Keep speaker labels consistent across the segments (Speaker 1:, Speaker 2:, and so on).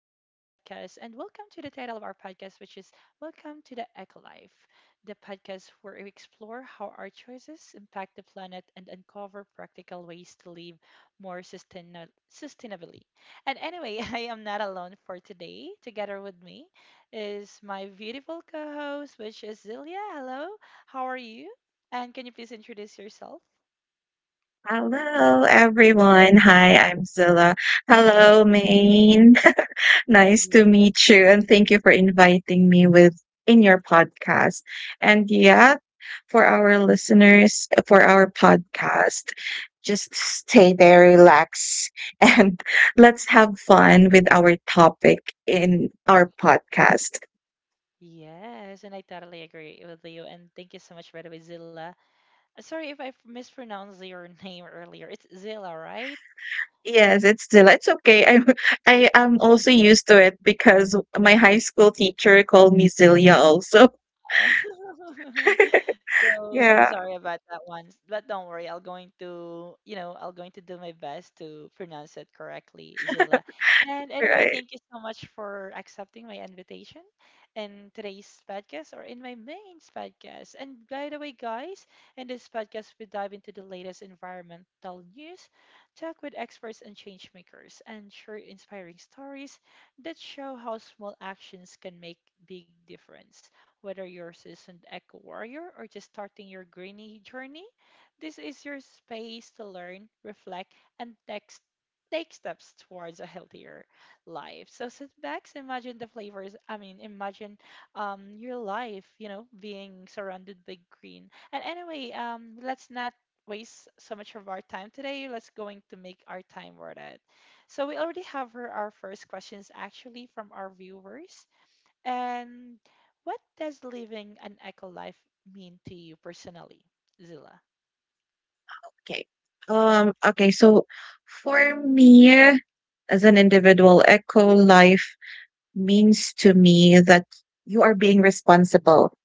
Speaker 1: and welcome to the title of our podcast, which is Welcome to the Eco Life, the podcast where we explore how our choices impact the planet and uncover practical ways to live sustainably. And anyway, I am not alone for today. Together with me is my beautiful co host, which is Zilia. Hello, how are you? And can you please introduce yourself?
Speaker 2: Hello, everyone. Hi, I'm Zilla. Hello, Maine. Nice to meet you, and thank you for inviting me with in your podcast. And yeah, for our listeners, for our podcast, just stay there, relax, and let's have fun with our topic in our podcast.
Speaker 1: Yes, and I totally agree with you. And thank you so much, by the way, Zilla. Sorry if I mispronounced your name earlier. It's Zilla, right?
Speaker 2: Yes, it's okay. I I am also used to it because my high school teacher called me Zilia also.
Speaker 1: So I'm
Speaker 2: Yeah,
Speaker 1: sorry about that one, but don't worry. I'll going to I'll going to do my best to pronounce it correctly, Zilla. And anyway,
Speaker 2: right.
Speaker 1: thank you so much for accepting my invitation in today's podcast or in my main podcast. And by the way, guys, in this podcast we dive into the latest environmental news, talk with experts and change makers, and share inspiring stories that show how small actions can make big difference whether you're seasoned eco warrior or just starting your greeny journey, this is your space to learn, reflect, and text take steps towards a healthier life. So sit back, imagine the flavors. Imagine your life, being surrounded by green. And anyway, let's not waste so much of our time today. Let's going to make our time worth it. So we already have her, our first questions actually from our viewers. And what does living an eco life mean to you personally, Zilla?
Speaker 2: Okay. Okay, so for me as an individual, eco life means to me that you are being responsible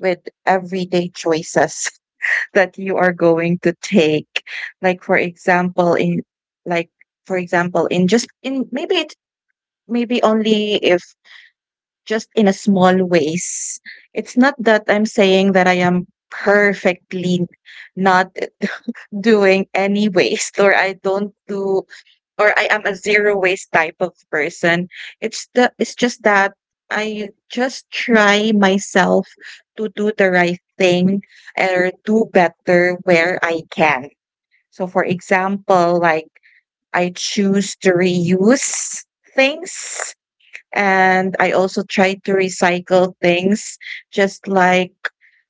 Speaker 2: with everyday choices that you are going to take. Like for example, in like for example, in just in maybe it maybe only if just in a small ways. It's not that I'm saying that I am perfectly not doing any waste or I don't do or I am a zero waste type of person. It's just that I just try myself to do the right thing or do better where I can. So for example, like I choose to reuse things, and I also try to recycle things, just like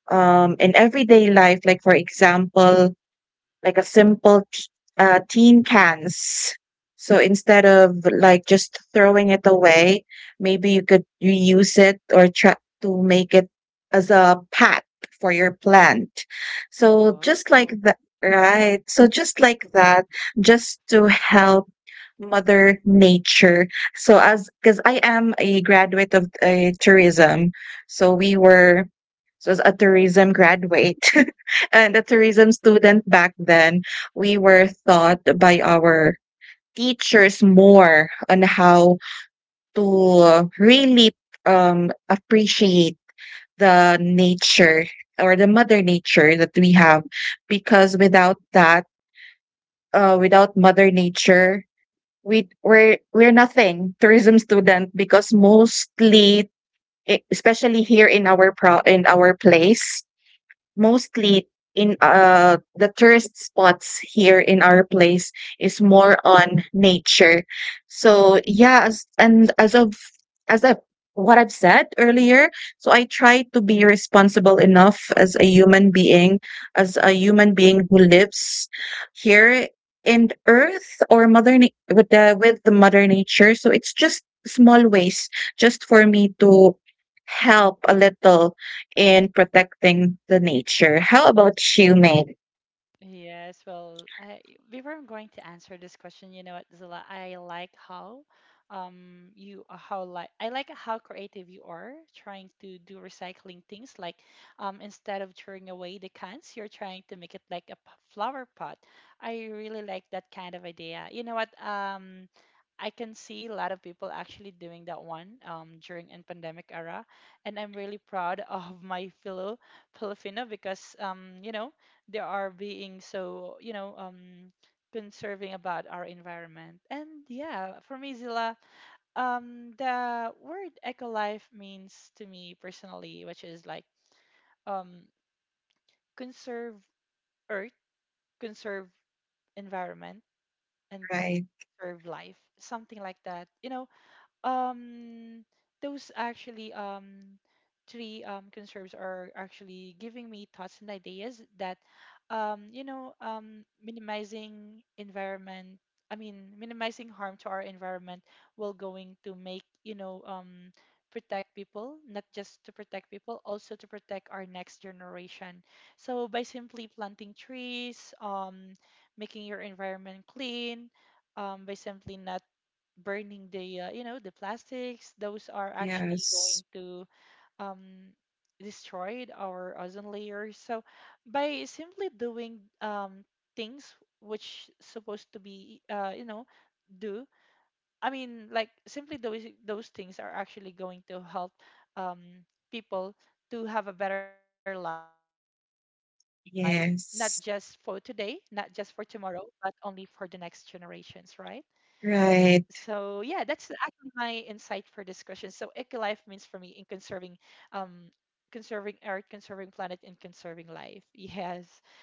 Speaker 2: in everyday life, like for example, like a simple tin cans. So instead of like just throwing it away, maybe you could reuse it or try to make it as a pot for your plant. So just like that, right? So just like that, just to help Mother Nature. So as because I am a graduate of tourism, so we were so as a tourism graduate and a tourism student back then, we were taught by our teachers more on how to really appreciate the nature or the mother nature that we have, because without that without mother nature we're nothing tourism student, because mostly especially here in our pro in our place, mostly in the tourist spots here in our place is more on nature. So yeah, as of what I've said earlier, so I try to be responsible enough as a human being, as a human being who lives here in Earth or with the Mother Nature. So it's just small ways just for me to help a little in protecting the nature. How about you, Meg?
Speaker 1: Yes, well, I, before I'm going to answer this question, you know what, Zilla, I like how you how like I like how creative you are trying to do recycling things like instead of throwing away the cans, you're trying to make it like a flower pot. I really like that kind of idea. You know what, I can see a lot of people actually doing that one during in pandemic era, and I'm really proud of my fellow Filipino because you know they are being so conserving about our environment. And yeah, for me, Zilla, the word eco-life means to me personally which is like um conserve earth, conserve environment, and
Speaker 2: Right.
Speaker 1: conserve life, something like that, you know. Um, those actually three conserves are actually giving me thoughts and ideas that you know minimizing harm to our environment will going to make protect people, not just to protect people, also to protect our next generation. So by simply planting trees, making your environment clean, by simply not burning the you know the plastics, those are actually going
Speaker 2: Yes.
Speaker 1: to um destroyed our ozone layer. So by simply doing things which supposed to be you know do I mean like simply those things are actually going to help um people to have a better life, not just for today, not just for tomorrow,
Speaker 2: Yes.
Speaker 1: but only for the next generations, right? So yeah,
Speaker 2: Right.
Speaker 1: that's actually my insight for this question. So eco-life means for me in conserving, um, conserving earth, conserving planet, and conserving life. Yes,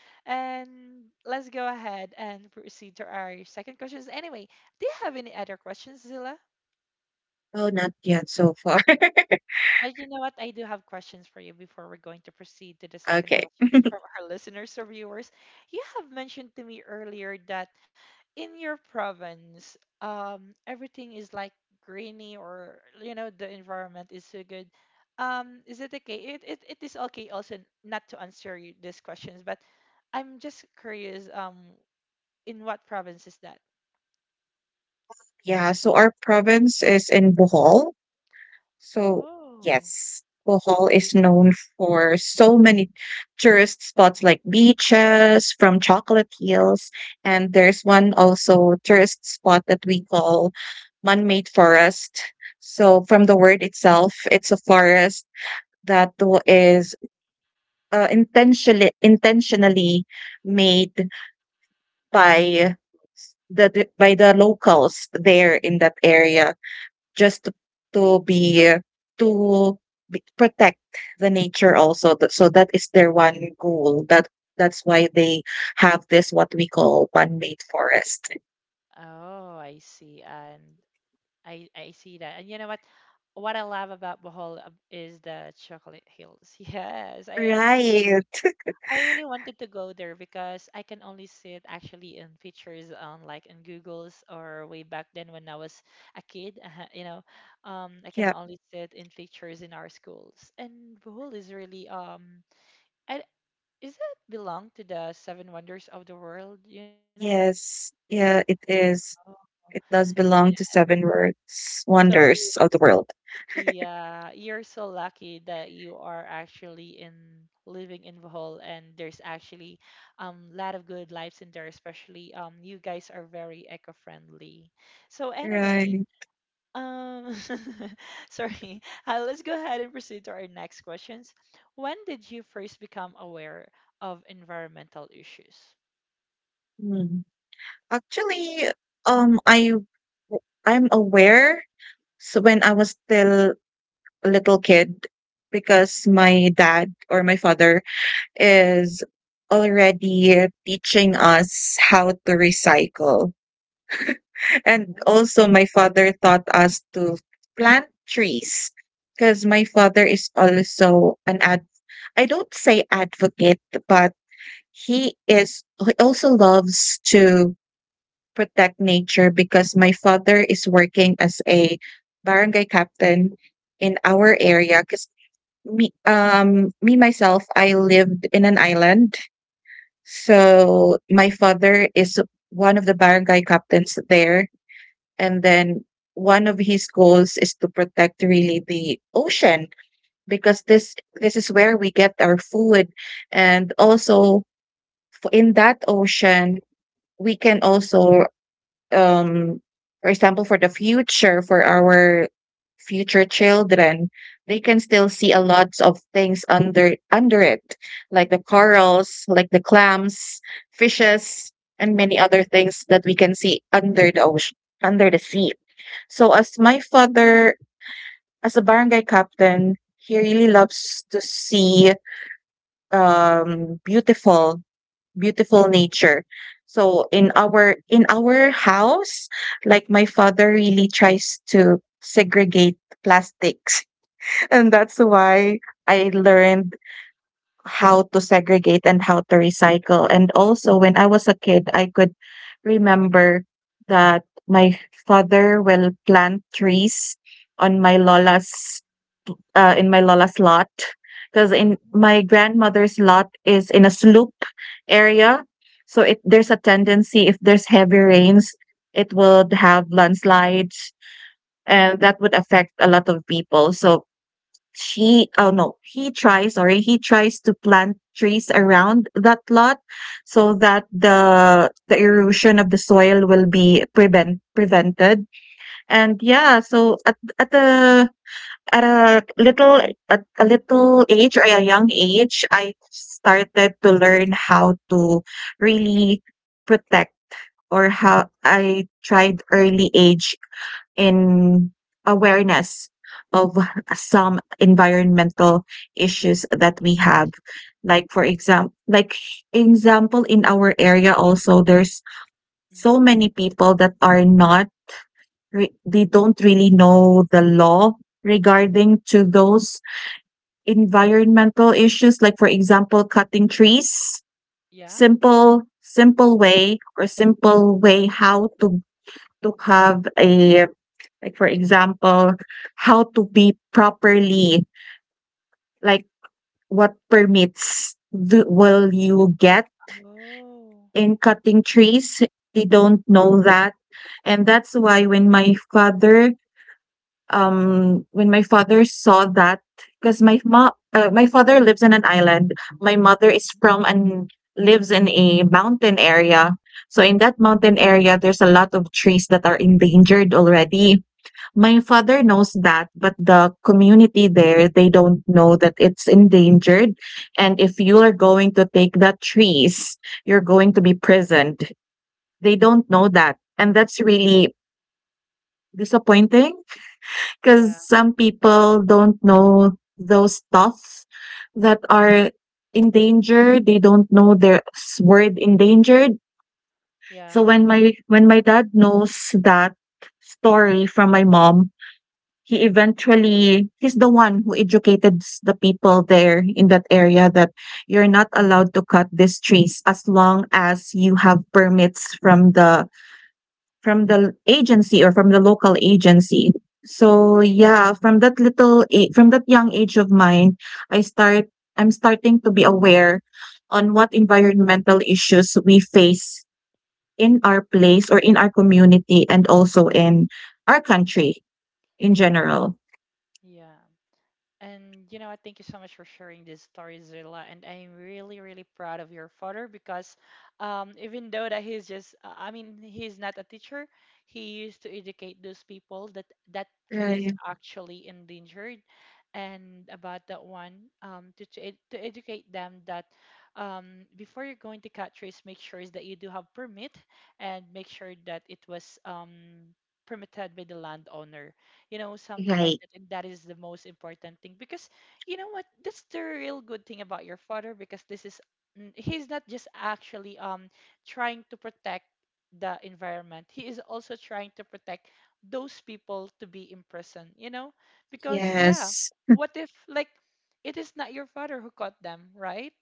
Speaker 1: and let's go ahead and proceed to our second questions. Anyway, do you have any other questions, Zilla?
Speaker 2: Oh, not yet so far.
Speaker 1: But you know what? I do have questions for you before we're going to proceed to the second
Speaker 2: Okay.
Speaker 1: questions from our listeners or viewers. You have mentioned to me earlier that in your province, everything is like greeny or you know the environment is so good. Is it okay? It is okay also not to answer you these questions, but I'm just curious. In what province is that?
Speaker 2: Yeah, so our province is in Bohol. So,
Speaker 1: Oh,
Speaker 2: yes, Bohol is
Speaker 1: it,
Speaker 2: known for so many tourist spots like beaches, from chocolate hills, and there's one also tourist spot that we call man-made forest. So, from the word itself, it's a forest that is intentionally made
Speaker 1: but,
Speaker 2: by the by the locals there
Speaker 1: mm,
Speaker 2: in that area, just to be to be protect the nature also. Th so that is their one goal. That that's why they have this what we call man-made forest.
Speaker 1: oh, I see. And I see that. And you know what? What I love about Bohol is the chocolate hills. Yes,
Speaker 2: Right.
Speaker 1: I really wanted to go there because I can only see it actually in pictures on like in Google's or way back then when I was a kid. You know, I can
Speaker 2: Yeah.
Speaker 1: only see it in pictures in our schools. And Bohol is really I, is it belong to the Seven Wonders of the World? You know?
Speaker 2: Yes. Yeah, it
Speaker 1: Oh.
Speaker 2: is. It does
Speaker 1: Yeah.
Speaker 2: belong to seven words,
Speaker 1: So
Speaker 2: wonders of the world.
Speaker 1: yeah, you're so lucky that you are actually in living in Bohol and there's actually lot of good lives in there, especially you guys are very eco-friendly. So anyway,
Speaker 2: Right.
Speaker 1: um sorry. Let's go ahead and proceed to our next questions. When did you first become aware of environmental issues?
Speaker 2: Hmm. Actually, um, I w- I'm aware. So when I was still a little kid, because my dad or my father is already teaching us how to recycle. And
Speaker 1: Oh,
Speaker 2: also, my father taught us to plant trees, because my father is also an ad. I don't say advocate, but he is. He also loves to protect nature, because my father is working as a barangay captain in our area. Because me, me myself, I lived in an island. So, my father is one of the barangay captains there, and then one of his goals is to protect really the ocean, because this is where we get our food. And also in that ocean we can also um for example, for the future, for our future children, they can still see a lot of things under it, like the corals, like the clams, fishes, and many other things that we can see under the ocean, under the sea. So as my father, as a barangay captain, he really loves to see um beautiful beautiful nature. So in our house, like my father really tries to segregate plastics. And that's why I learned how to segregate and how to recycle. And also when I was a kid, I could remember that my father will plant trees on my lola's, in my lola's lot, because in
Speaker 1: oh,
Speaker 2: my grandmother's lot is in a slope area. So it there's a tendency, if there's heavy rains, it would have landslides, and that would affect a lot of people. So she oh no he tries sorry he tries to plant trees around that lot, so that the erosion of the soil will be prevented. And yeah, so at a little at a little age or a young age, I started to learn how to really protect, or how I tried early age in awareness of some environmental issues that we have.
Speaker 1: interesting.
Speaker 2: Like for example, in our area also, there's so
Speaker 1: Mhm.
Speaker 2: many people that are not they don't really know the law regarding to those environmental issues, like for example, cutting trees,
Speaker 1: Yeah.
Speaker 2: simple way or simple way how to have a like for example, how to be properly like what permits do, will you get
Speaker 1: Oh.
Speaker 2: in cutting trees? They don't know that. And that's why when my father saw that, because my mom, my father lives in an island, my mother is from and lives in a mountain area. So in that mountain area there's a lot of trees that are endangered already. My father knows that, but the community there, they don't know that it's endangered. And if you are
Speaker 1: Oh,
Speaker 2: going to take the trees, you're going to be prisoned. They don't know that, and that's really disappointing. 'Cause
Speaker 1: yeah.
Speaker 2: some people don't know those stuff that are in danger. They don't know the s word endangered.
Speaker 1: Yeah.
Speaker 2: So when my dad knows that story from my mom, he's the one who educated s the people there in that area that you're not allowed to cut these trees as long as you have permits from the agency or from the local agency.
Speaker 1: Hmm.
Speaker 2: So, yeah, from that little a from that young age of mine, I start I'm starting to be aware on what environmental issues we face in our place or in our community, and also in our country in general.
Speaker 1: Yeah. And you know what? Thank you so much for sharing this story, Zilla. And I'm really, really proud of your father because even though that he's just, I mean, he's not a teacher, he used to educate those people that that tree is
Speaker 2: Right.
Speaker 1: actually endangered. And about that one, to educate them that before you're going to cut trees, make sure is that you do have permit and make sure that it was permitted by the landowner, you know, something like
Speaker 2: Right.
Speaker 1: that. And that is the most important thing because you know what? That's the real good thing about your father because this is he's not just actually trying to protect the environment. He is also trying to protect those people to be in prison, you know? Because yeah,
Speaker 2: Yes.
Speaker 1: what if like it is not your father who caught them, right?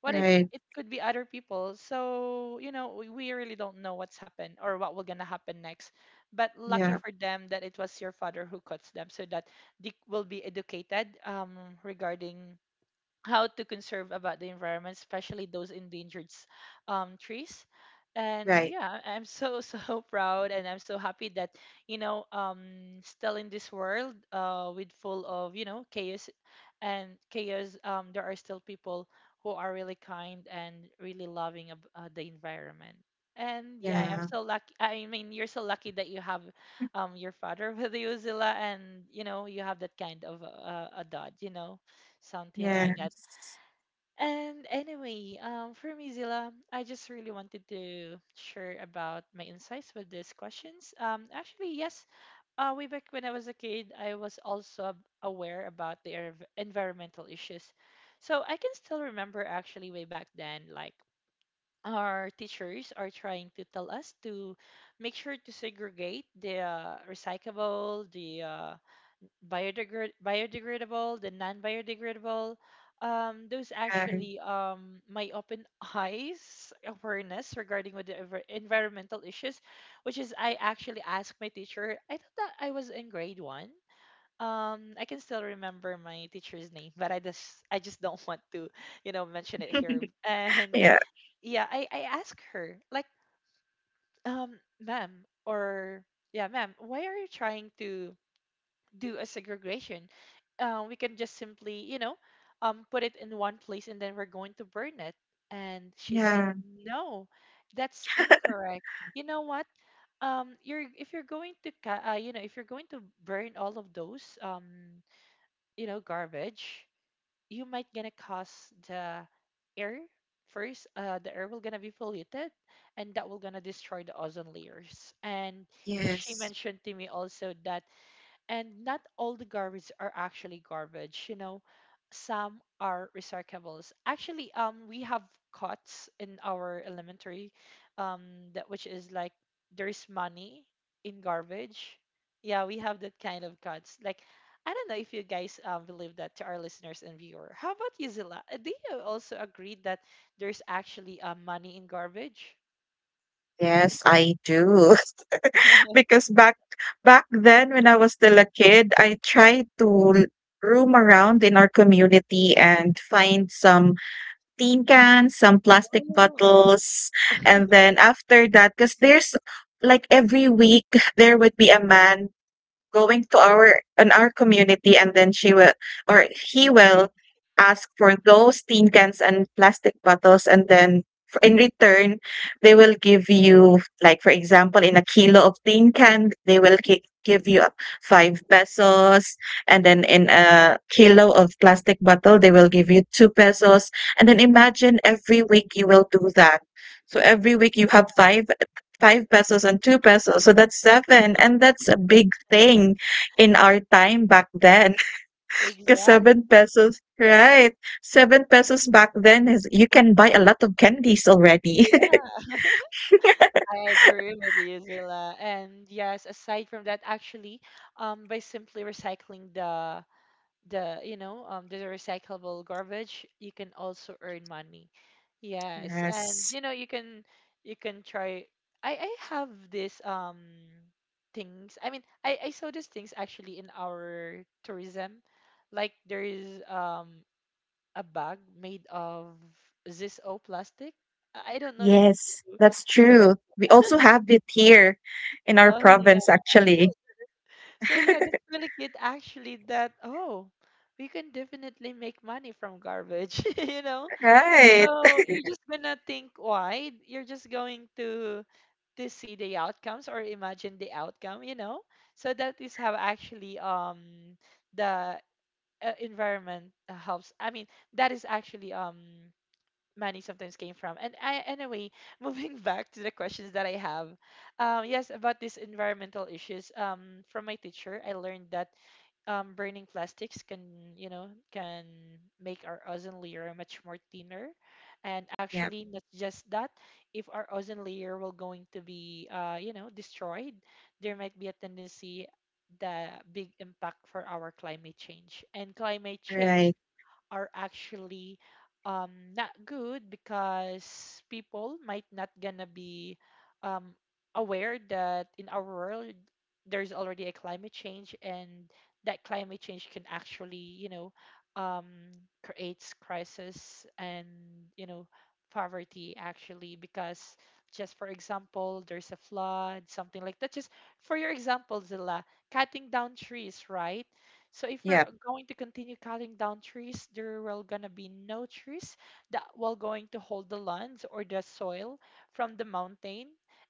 Speaker 1: What if
Speaker 2: Right.
Speaker 1: it could be other people, so you know we really don't know what's happened or what will gonna happen next, but lucky
Speaker 2: Yeah.
Speaker 1: for them that it was your father who cuts them so that they will be educated, regarding how to conserve about the environment, especially those endangered trees. And
Speaker 2: Right.
Speaker 1: yeah, I'm so so proud and I'm so happy that you know still in this world with full of you know chaos there are still people who are really kind and really loving of the environment. And yeah, I'm
Speaker 2: Yeah.
Speaker 1: so lucky, you're so lucky that you have your father with you, Zilla, and you know you have that kind of a dad, you know, something like that.
Speaker 2: Yes.
Speaker 1: And anyway, for me, Zilla, I just really wanted to share about my insights with these questions, actually, yes, way back when I was a kid, I was also aware about the environmental issues. So I can still remember actually way back then, like our teachers are trying to tell us to make sure to segregate the recyclable, the uh, biodegradable, the non-biodegradable. Those
Speaker 2: Right.
Speaker 1: actually my open eyes awareness regarding with the environmental issues, which is I actually asked my teacher. I thought that I was in grade one. I can still remember my teacher's name, but I just don't want to, you know, mention it here. And
Speaker 2: Yeah.
Speaker 1: yeah, I asked her like, um, ma'am, or yeah, ma'am, why are you trying to do a segregation? We can just simply, you know, put it in one place and then we're going to burn it. And she said,
Speaker 2: Yeah.
Speaker 1: no, that's incorrect. You know what? You're if you're going to, you know, if you're going to burn all of those, you know, garbage, you might gonna cause the air first. The air will gonna be polluted, and that will gonna destroy the ozone layers. And she
Speaker 2: Yes.
Speaker 1: mentioned to me also that and not all the garbage are actually garbage, you know, some are recyclables. Actually, we have cots in our elementary um that which is like there's money in garbage. Yeah, we have that kind of cots, like I don't know if you guys believe that. To our listeners and viewer, how about you, Zila? Do you also agree that there's actually money in garbage?
Speaker 2: Yes, I do. Because back then when I was still a kid, I tried to l- roam around in our community and find some tin cans, some plastic
Speaker 1: Oh.
Speaker 2: bottles, and then after that, because there's like every week there would be a man going to our community, and then she will or he will ask for those tin cans and plastic bottles, and
Speaker 1: Mhm,
Speaker 2: then in return they will give you, like for example, in a kilo of tin can they will give you 5 pesos, and then
Speaker 1: mhm.
Speaker 2: in a kilo of plastic bottle they will give you 2 pesos. And then imagine every week you will do that, so every week you have 5 5 pesos and 2 pesos, so that's 7, and that's a big
Speaker 1: Yeah.
Speaker 2: thing in our time back then. Because
Speaker 1: Exactly.
Speaker 2: 7 pesos right, 7 pesos back then is you can buy a lot of candies already.
Speaker 1: Yeah. I agree with you, Zilla. And yes, aside from that, actually, by simply recycling the you know the recyclable garbage, you can also earn money. Yes, and
Speaker 2: Yes.
Speaker 1: you know you can try. I have this things. I mean, I saw these things actually in our tourism, like there is a bag made of Zis O plastic. I don't know if
Speaker 2: Yes,
Speaker 1: you
Speaker 2: that's
Speaker 1: saw that.
Speaker 2: true. We also have it here in our
Speaker 1: Oh yeah.
Speaker 2: province, actually.
Speaker 1: So yeah, that's really cute actually that oh, we can definitely make money from garbage, you know?
Speaker 2: Right.
Speaker 1: So you're just gonna think wide. You're just going to see the outcomes or imagine the outcome, you know? So that is how actually the environment helps. I mean, that is actually money sometimes came from. Moving back to the questions that I have, yes, about these environmental issues. From my teacher, I learned that burning plastics can make our ozone layer much more thinner. And
Speaker 2: Yep,
Speaker 1: actually, not just that, if our ozone layer will going to be, destroyed, there might be a tendency the big impact for our climate change. And climate change
Speaker 2: right.
Speaker 1: are actually, um, not good because people might not gonna be um, aware that in our world there's already a climate change, and that climate change can actually, you know, um, creates crisis and, you know, poverty actually, because just for example there's a flood, something like that. Just for your example, Zilla, cutting down trees, right? So if we're
Speaker 2: Yep,
Speaker 1: going to continue cutting down trees, there will gonna be no trees that will going to hold the lands or the soil from the mountain.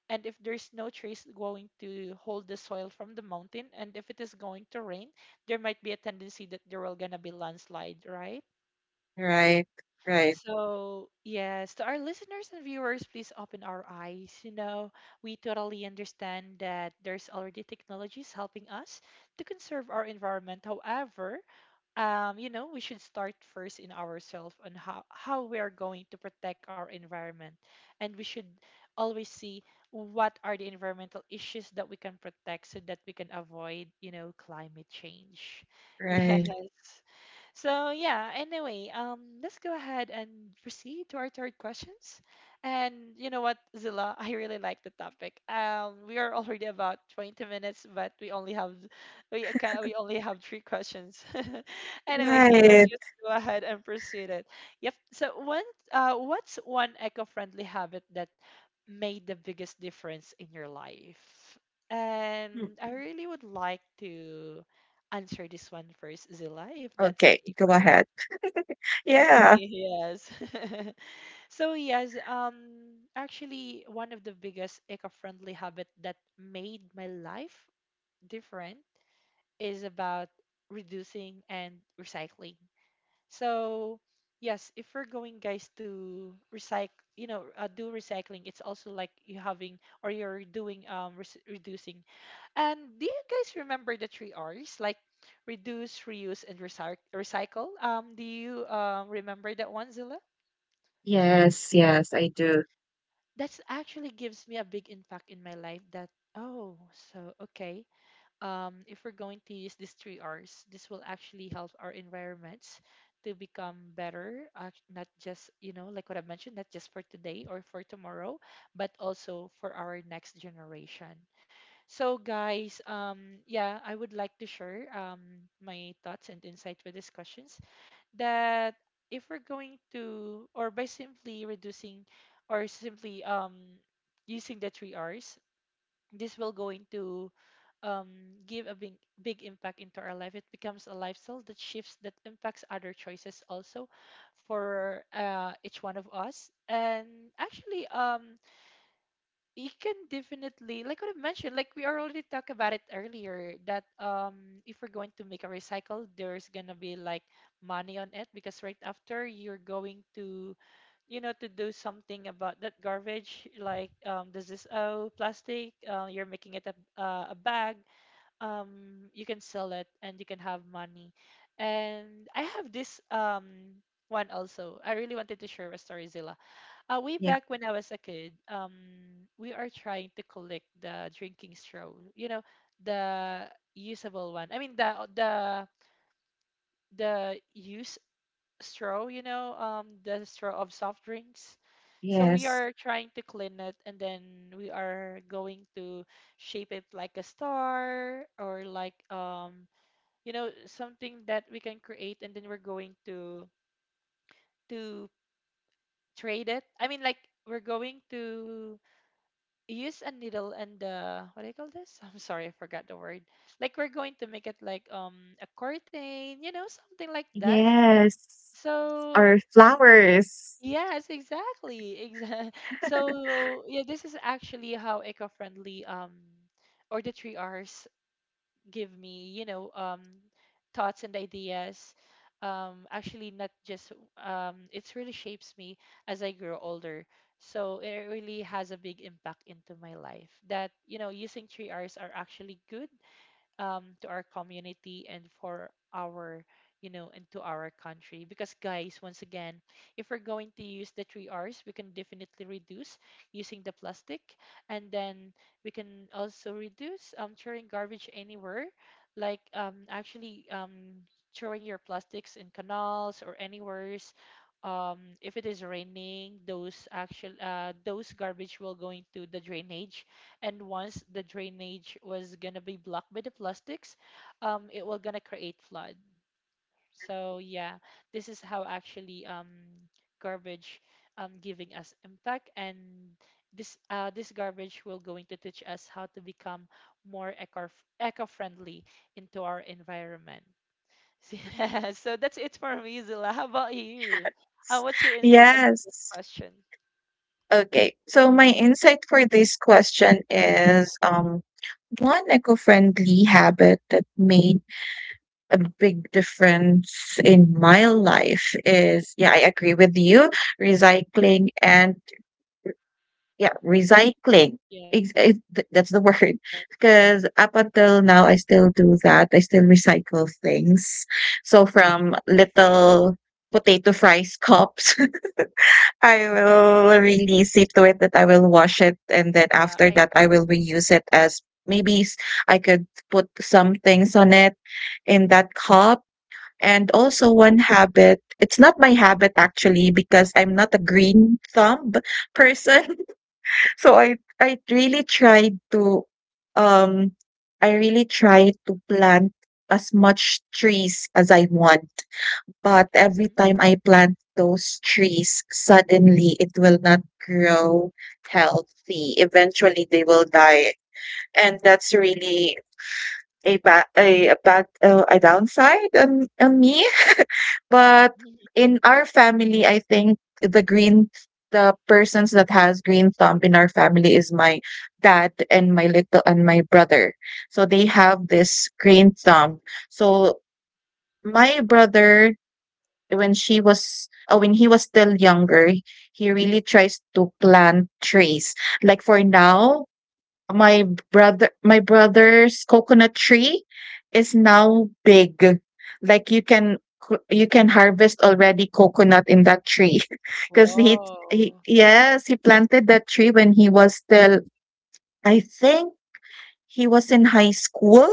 Speaker 1: And if there's no trees going to hold the soil from the mountain, and if it is going to rain, there might be a tendency that there will gonna be landslide, right?
Speaker 2: right, right,
Speaker 1: So, yes, to our listeners and viewers, please open our eyes. You know, we totally understand that there's already technologies helping us to conserve our environment. However, we should start first in ourselves on how we are going to protect our environment. And we should always see what are the environmental issues that we can protect so that we can avoid, you know, climate change.
Speaker 2: right,
Speaker 1: Yes. So yeah, anyway, let's go ahead and proceed to our third questions. And you know what, Zilla, I really like the topic. We are already about 20 minutes, but we only have we only have three questions. Anyway, let's
Speaker 2: right.
Speaker 1: just go ahead and proceed it. Yep. So one, what's one eco-friendly habit that made the biggest difference in your life?
Speaker 2: Mm.
Speaker 1: And I really would like to answer this one first, Zilla, if that's
Speaker 2: Okay,
Speaker 1: okay
Speaker 2: go
Speaker 1: for you.
Speaker 2: ahead. Yeah.
Speaker 1: Yes. So yes, actually, one of the biggest eco-friendly habit that made my life different is about reducing and recycling. So yes, if we're going guys to recycle, you know, do recycling, it's also like you having or you're doing rec reducing. And do you guys remember the three R's, like reduce, reuse, and recycle? Do you, remember that one, Zilla?
Speaker 2: Yes, yes, I do.
Speaker 1: That's actually gives me a big impact in my life. That oh, so okay. If we're going to use these three R's, this will actually help our environments to become better. Not just you know, like what I mentioned, not just for today or for tomorrow, but also for our next generation. So, guys, yeah, I would like to share my thoughts and insight with these questions. That if we're going to, or by simply reducing, or simply, using the three R's, this will going to, give a big, big impact into our life. It becomes a lifestyle that shifts, that impacts other choices also for each one of us. And actually, you can definitely like what I've mentioned, like we already talked about it earlier, that if we're going to make a recycle, there's gonna be like money on it, because right after you're going to, you know, to do something about that garbage, like this is oh plastic, you're making it a bag, you can sell it and you can have money. And I have this one also, I really wanted to share a story, Zilla. Uh, way back when I was a kid, we are trying to collect the drinking straw. You know, the usable one. I mean, the use straw. You know, the straw of soft drinks. So we
Speaker 2: Yes.
Speaker 1: are trying to clean it, and then we are going to shape it like a star or like, you know, something that we can create, and then we're going to trade it. I mean, like we're going to use a needle and the what do you call this? I'm sorry, I forgot the word. Like we're going to make it like a curtain, you know, something like that.
Speaker 2: Yes. Or
Speaker 1: So
Speaker 2: flowers.
Speaker 1: yes, exactly. Exactly. So yeah, this is actually how eco-friendly or the three R's give me, you know thoughts and ideas, actually not just, it really shapes me as I grow older. So it really has a big impact into my life, that you know using three Rs are actually good, to our community and for our, you know, and to our country. Because guys, once again, if we're going to use the three r's we can definitely reduce using the plastic, and then we can also reduce throwing garbage anywhere, like actually throwing your plastics in canals or anywheres, if it is raining, those actual those garbage will go into the drainage, and once the drainage was gonna be blocked by the plastics, it was gonna create flood. So yeah, this is how actually garbage giving us impact, and this this garbage will going to teach us how to become more eco friendly into our environment. Yeah, so that's it for me, Zilla. How about you? What's your insight about this
Speaker 2: Yes.
Speaker 1: question?
Speaker 2: Okay. So my insight for this question is one eco-friendly habit that made a big difference in my life is, yeah, I agree with you,
Speaker 1: Mhm.
Speaker 2: recycling and yeah,
Speaker 1: Yeah,
Speaker 2: recycling. That's the word. Because up until now, I still do that. I still recycle things. So from little potato fries cups, I will really see to it that
Speaker 1: yeah,
Speaker 2: I
Speaker 1: I,
Speaker 2: will
Speaker 1: I
Speaker 2: wash it, and then after that, I will reuse it as I could put some things on it in that cup. And also one habit, it's not my habit actually, because I'm not a green thumb person. So I really tried to, um, I really tried to plant as
Speaker 1: yeah.
Speaker 2: much trees as I want,
Speaker 1: Mm-hmm.
Speaker 2: but every time I plant those trees, suddenly it will not grow healthy. Eventually, they will die, and that's really a bad a downside on me. But in our family, I think the persons that has green thumb in our family is my dad and my little and my brother. So they have this green thumb. So my brother, when he was still younger, he really tries to plant trees. Like for now, my my brother's coconut tree is now big. Like you can you can harvest already coconut in that tree, because
Speaker 1: Whoa.
Speaker 2: he planted that tree when he was still, I think, he was in high school.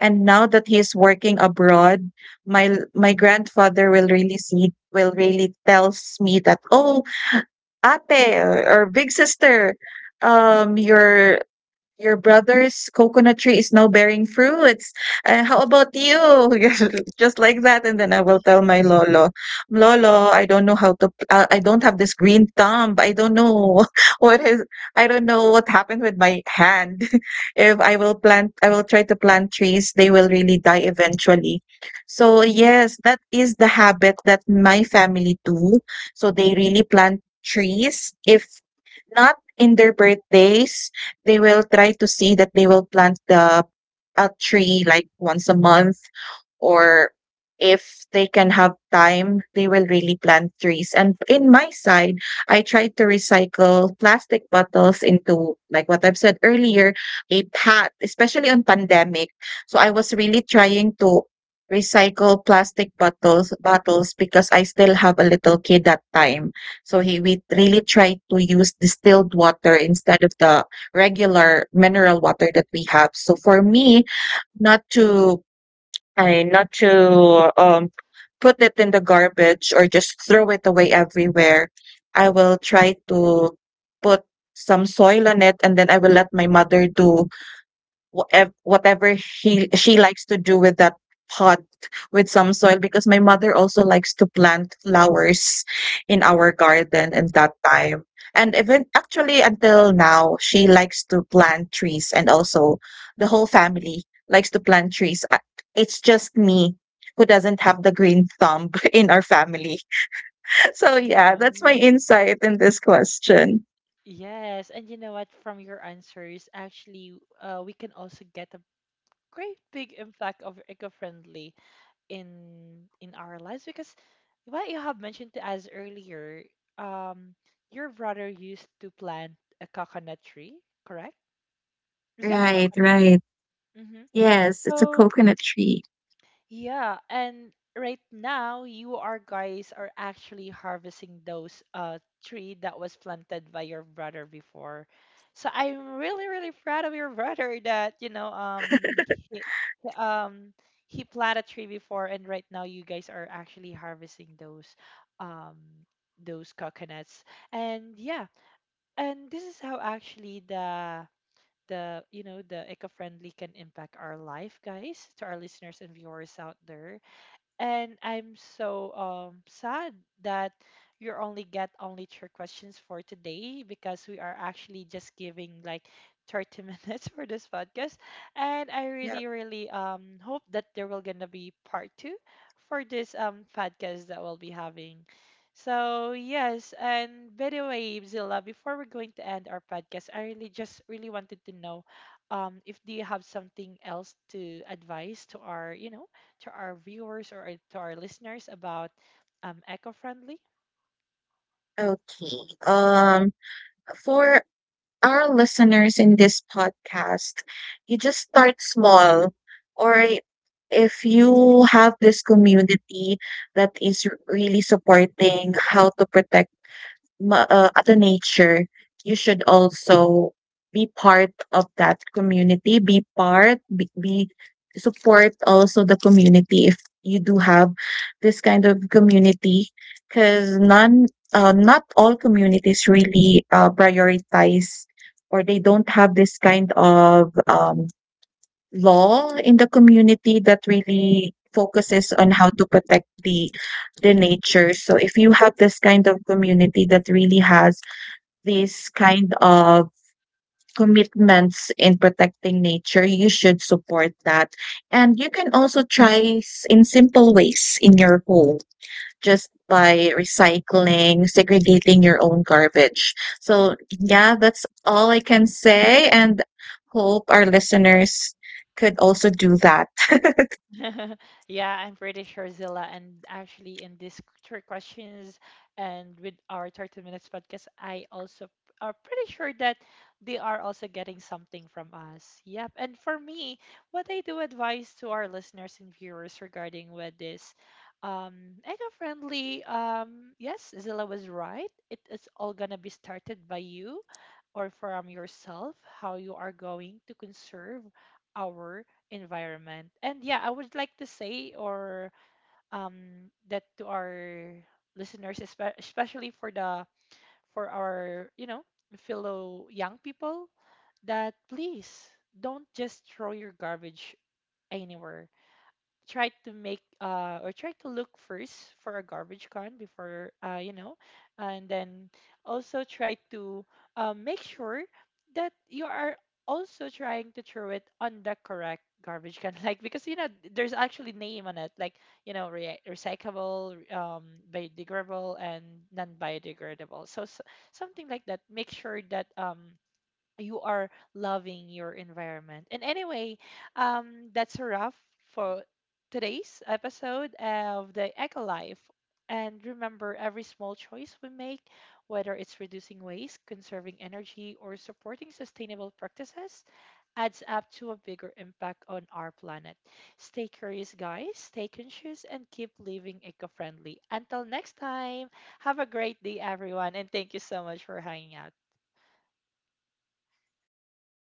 Speaker 2: And now that he's working abroad, my grandfather will really tells me that, oh, ate, or big sister, your brother's coconut tree is now bearing fruits. How about you? Just like that. And then I will tell my lolo, "Lolo, I don't know how to. I don't have this green thumb. I don't know what is. I don't know what happened with my hand. If I will plant, I will try to plant trees, they will really die eventually." So yes, that is the habit that my family do. So they really plant trees, if not in their birthdays. They will try to see that they will plant the a tree like once a month, or if they can have time, they will really plant trees. And in my side, I try to recycle plastic bottles into, like what I've said earlier, a path, especially on pandemic. So I was really trying to recycle plastic bottles, because I still have a little kid that time. So he we really tried to use distilled water instead of the regular mineral water that we have. So for me, not to not
Speaker 1: Yes.
Speaker 2: to put it in the garbage or just throw it away everywhere, I will try to put some soil on it, and then I will let my mother do whatever he she likes to do with that pot with some soil, because my mother also likes to plant flowers in our garden in that time. And even actually until now, she likes to plant trees, and also the whole family likes to plant trees. It's just me who doesn't have the green thumb in our family. So yeah,
Speaker 1: Yeah.
Speaker 2: that's my insight in this question.
Speaker 1: Yes, and you know what? From your answers, actually, we can also get a great big impact of eco-friendly in our lives, because what you have mentioned to us earlier, um, your brother used to plant a coconut tree, correct? Is that a
Speaker 2: Right,
Speaker 1: coconut tree?
Speaker 2: right.
Speaker 1: Mm-hmm.
Speaker 2: Yes, it's a
Speaker 1: So
Speaker 2: coconut tree.
Speaker 1: yeah, and right now you are guys are actually harvesting those tree that was planted by your brother before. So I'm really really proud of your brother that you know he, he- um he planted a tree before, and right now you guys are actually harvesting um those coconuts. And yeah, and this is how actually the you know the eco-friendly can impact our life, guys, to our listeners and viewers out there. And I'm so sad that you only get only three questions for today, because we are actually just giving like 30 minutes for this podcast. And I
Speaker 2: Yep.
Speaker 1: really, really hope that there will gonna be part two for this podcast that we'll be having. So yes, and by the way, Zilla, before we're going to end our podcast, I really just really wanted to know if do you have something else to advise to our, you know, to our viewers or, to our listeners about eco-friendly.
Speaker 2: Okay. Um, for our listeners in this podcast, you just start small, or if you have this community that is really supporting how to protect at the nature, you should also be part of that community, be support also the community if you do have this kind of community. Because none not all communities really prioritize, or they don't have this kind of law in the community that really focuses on how to protect the nature. So if you have this kind of community that really has this kind of commitments in protecting nature, you should support that. And you can also try in simple ways in your home, just by recycling, segregating your own garbage. So, yeah, that's all I can say, and hope our listeners could also do that.
Speaker 1: Yeah, I'm pretty sure, Zilla. And actually, in these three questions and with our 30 minutes podcast, are pretty sure that they are also getting something from us. Yep. And for me, what I do advise to our listeners and viewers regarding with this eco-friendly um, yes Zilla was right, it is all gonna be started by you or from yourself, how you are going to conserve our environment. And yeah, I would like to say or that to our listeners, especially for the for our, you know, fellow young people, that please don't just throw your garbage anywhere. Try to make or try to look first for a garbage can before, uh, you know, and then also try to, make sure that you are also trying to throw it on the correct garbage can like, because you know there's actually name on it, like you know, recyclable, um, biodegradable and non-biodegradable, so, so something like that, make sure that you are loving your environment. And anyway, that's a wrap for today's episode of the Eco Life. And remember, every small choice we make, whether it's reducing waste, conserving energy, or supporting sustainable practices, adds up to a bigger impact on our planet. Stay curious, guys, stay conscious, and keep living eco friendly. Until next time, have a great day, everyone, and thank you so much for hanging out.